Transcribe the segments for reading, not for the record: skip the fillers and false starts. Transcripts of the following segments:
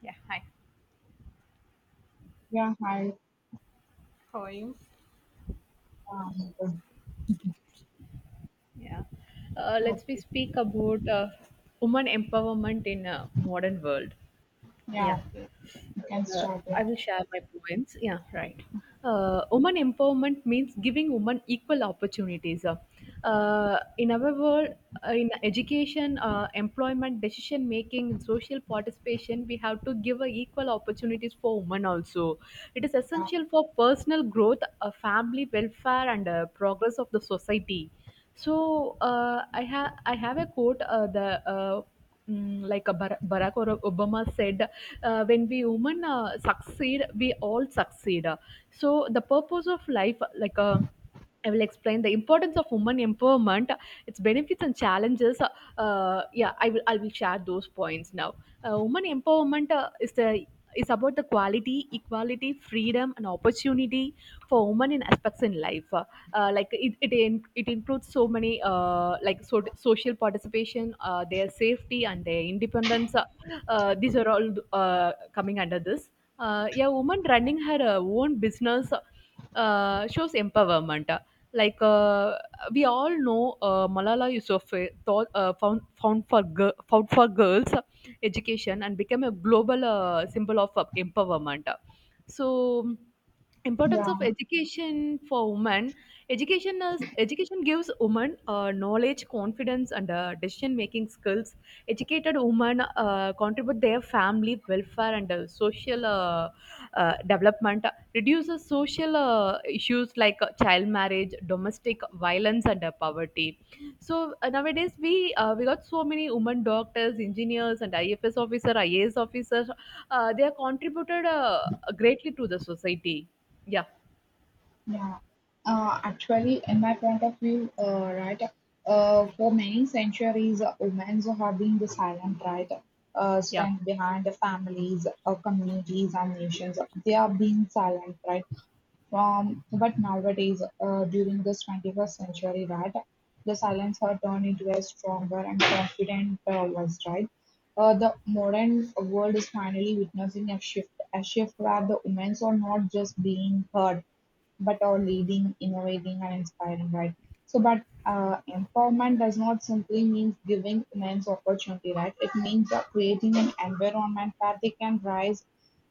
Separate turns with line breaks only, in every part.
Yeah, hi.
Yeah, hi.
How are you?
Good.
Yeah. Let's we
Okay.
speak about woman empowerment in a modern world.
Yeah,
Yeah.
okay. You can
Uh,
start. Yeah,
I will share my points. Yeah. Right. Woman empowerment means giving women equal opportunities. In our world, in education, employment, decision making, and social participation, we have to give equal opportunities for women also. It is essential for personal growth, family welfare, and progress of the society. So I have a quote, like a Barack or Obama said, when we human succeed, we all succeed. So the purpose of life, I will explain the importance of women empowerment, its benefits and challenges. Yeah, I will share those points now. Women empowerment is about the quality, equality, freedom, and opportunity for women in aspects in life, like it improves so many, social participation, their safety and their independence. These are all coming under this. Yeah, woman running her own business shows empowerment. Like uh, we all know, Malala Yousafzai thought, found for found for girls education and became a global symbol of empowerment. So, importance
yeah,
of education for women. Education is, education gives women knowledge, confidence, and decision making skills. Educated women contribute their family welfare and social development. Reduces social issues like child marriage, domestic violence, and poverty. So nowadays we, we got so many women doctors, engineers, and IFS officer, IAS officers. They are contributed greatly to the society. Yeah.
yeah. Actually, in my point of view, right, for many centuries, women have been the silent, right,
Yeah.
strength behind the families, communities, and nations. They are being silent, right, from but nowadays, during this 21st century, that the silence are turned into a stronger and confident voice, right? The modern world is finally witnessing a shift where the women are not just being heard, but are leading, innovating, and inspiring, right? So, but empowerment does not simply mean giving men's opportunity, right? It means creating an environment where they can rise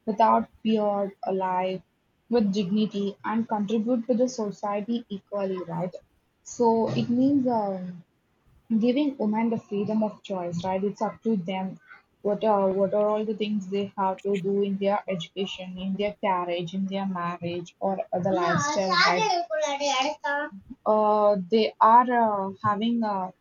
without fear, alive, with dignity, and contribute to the society equally, right? So, it means giving women the freedom of choice, right? It's up to them. What are all the things they have to do in their education, in their carriage, in their marriage, or the lifestyle, right? They are having a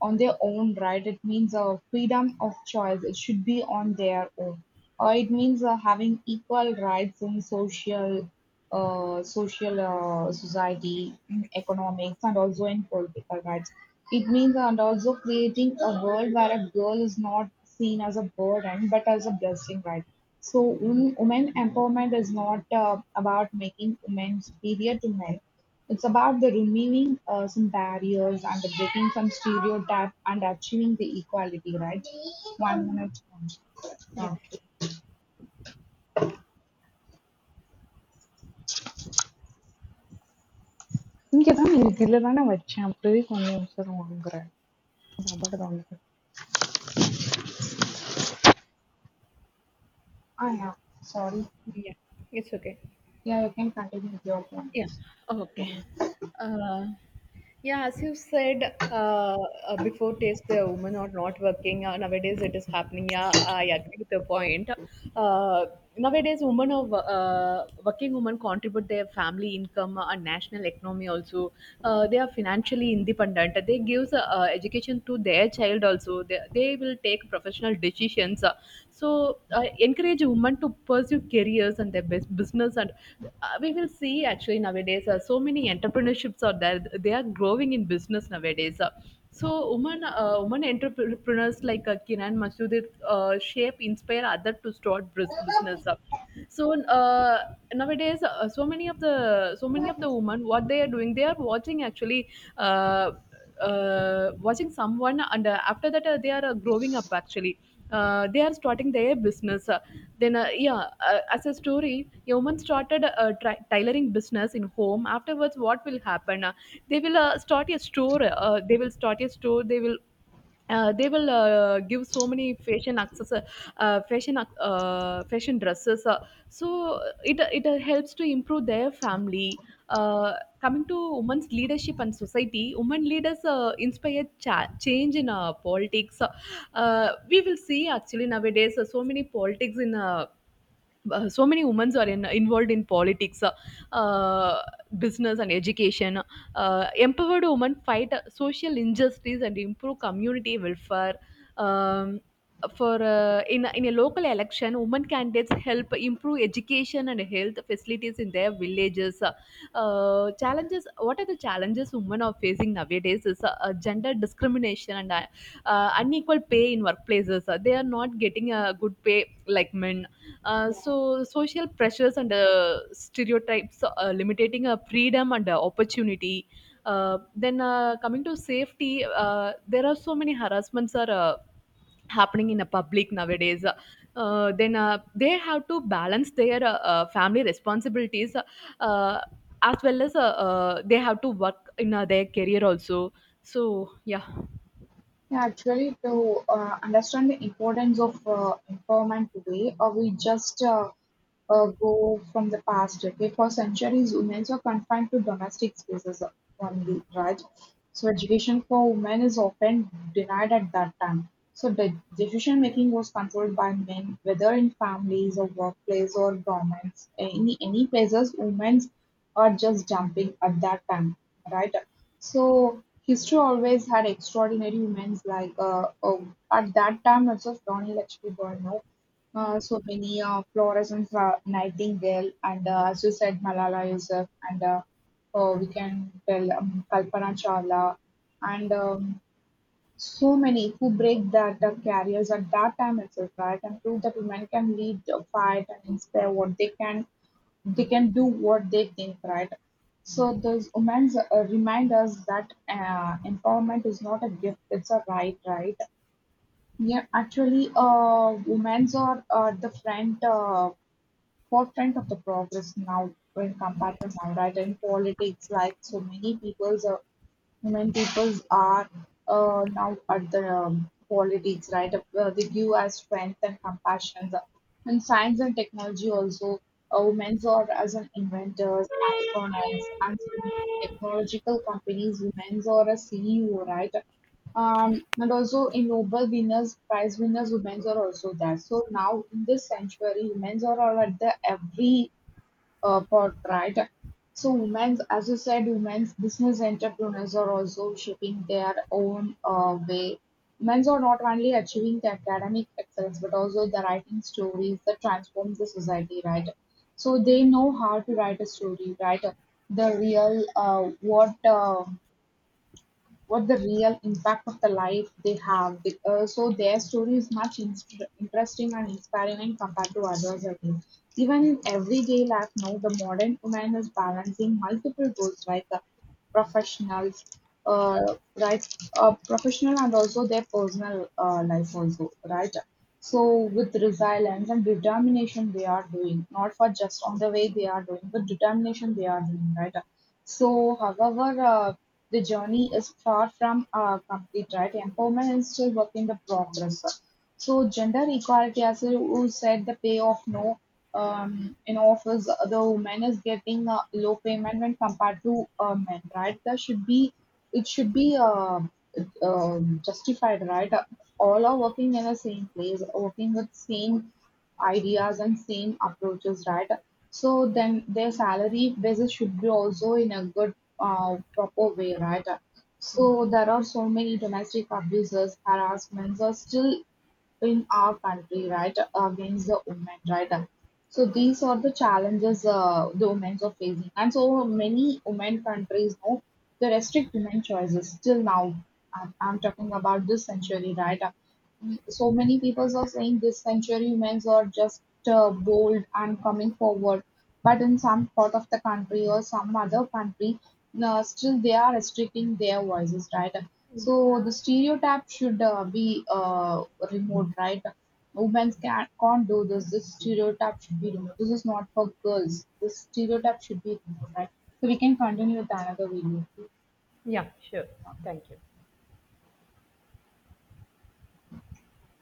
on their own right, it means a freedom of choice. It should be on their own. It means having equal rights in social, society, in economics, and also in political rights. It means and also creating a world where a girl is not seen as a burden but as a blessing, right? So, women empowerment is not about making women superior to men. It's about the removing some barriers and the breaking some stereotype and achieving the equality, right? One minute.
Yeah.
Okay. இங்கதான் இதுல தானே வச்சேன் அப்பவே கொஞ்சம் நிமிஷம் வாங்குறேன் அது அபகடம் இல்லை. Ah, yeah. Sorry.
Yeah. It's okay.
Yeah, you can continue with your
Yeah.
points.
Okay. Uh, Yeah, as you said, before, taste the women are not working. Nowadays, it is happening. Yeah, I agree with the point. Uh, Nowadays, women are working. Women contribute their family income and national economy also. They are financially independent. They gives education to their child also. They will take professional decisions. So I encourage women to pursue careers and their business. And we will see, actually, nowadays so many entrepreneurships are there, they are growing in business nowadays. So women, women entrepreneurs like Kiran Masudit shape, inspire others to start business up. So uh, nowadays so many of the, so many of
Mm.
the women, what they are doing, they are watching actually, uh, watching someone, and after that they are growing up actually. They are starting their business. Then Yeah, as a story, a woman started tailoring business in home. Afterwards, what will happen? They will start a store. They will start a store, they will, give so many fashion access, fashion dresses. So it helps to improve their family. uh, Coming to women's leadership and society, women leaders inspire change in politics. We will see, actually, nowadays so many politics in, so many women are involved in politics, uh, business, and education. Empowered women fight social injustice and improve community welfare. Um, for, in a local election, women candidates help improve education and health facilities in their villages. Challenges. What are the challenges women are facing nowadays? Is gender discrimination and unequal pay in workplaces. They are not getting a good pay like men. So social pressures and stereotypes limiting freedom and opportunity. Then Coming to safety, there are so many harassments are happening in the public nowadays. Then They have to balance their family responsibilities uh, as well as, they have to work in their career also. So yeah.
Yeah, actually, to understand the importance of empowerment today, we just go from the past. Okay, for centuries, women were confined to domestic spaces only, right? So, education for women is often denied at that time. So, the decision making was controlled by men, whether in families or workplace or governments. Any places, women are just jumping at that time, right? So history always had extraordinary women like at that time also Rani Lakshmi Bai, no? So many Florence Nightingale and as you said Malala Yousaf and we can tell Kalpana Chawla and so many who break that careers at that time itself right and prove that women can lead, fight and inspire what they can do what they think, right? So those women's remind us that empowerment is not a gift; it's a right, right? Yeah, actually, women's are the front, forefront of the progress now when compared to now, right? In politics, like so many people's when people are now at the politics, right? They give us strength and compassion. In science and technology, also, women are as an inventors, astronauts, and so many technological companies. Women are a CEO, right? And also in Nobel winners, prize winners, women are also there. So now in this century, women are all at the every part, right? So, women's, as you said, women's business entrepreneurs are also shaping their own way. Men's are not only achieving the academic excellence, but also the writing stories that transform the society, right? So, they know how to write a story, right? The real what the real impact of the life they have. So their story is much interesting and inspiring and compared to others. I think. Even in everyday life now, the modern woman is balancing multiple roles like professionals, uh, right, professional and also their personal life also, right? So with resilience and determination, they are doing not for just on the way they are doing, but determination they are doing, right? So, however, the journey is far from complete, right? Empowerment is still work in the progress. So gender equality, as you said, the pay of no in office, the woman is getting a low payment when compared to men, right? There should be it should be justified, right? All are working in the same place, working with same ideas and same approaches, right? So then their salary basis should be also in a good, proper way, right? So there are so many domestic abuses, harassments are still in our country, right, against the women, right? So these are the challenges the women are facing, and so many women countries know they restrict women choices till now. I'm talking about this century, right? So many people are saying this century women are just bold and coming forward, but in some part of the country or some other country, no, still they are restricting their voices, right? So the stereotype should be removed, right? Women can't do this. This stereotype should be removed. This is not for girls. This stereotype should be removed, right? So we can continue with another video.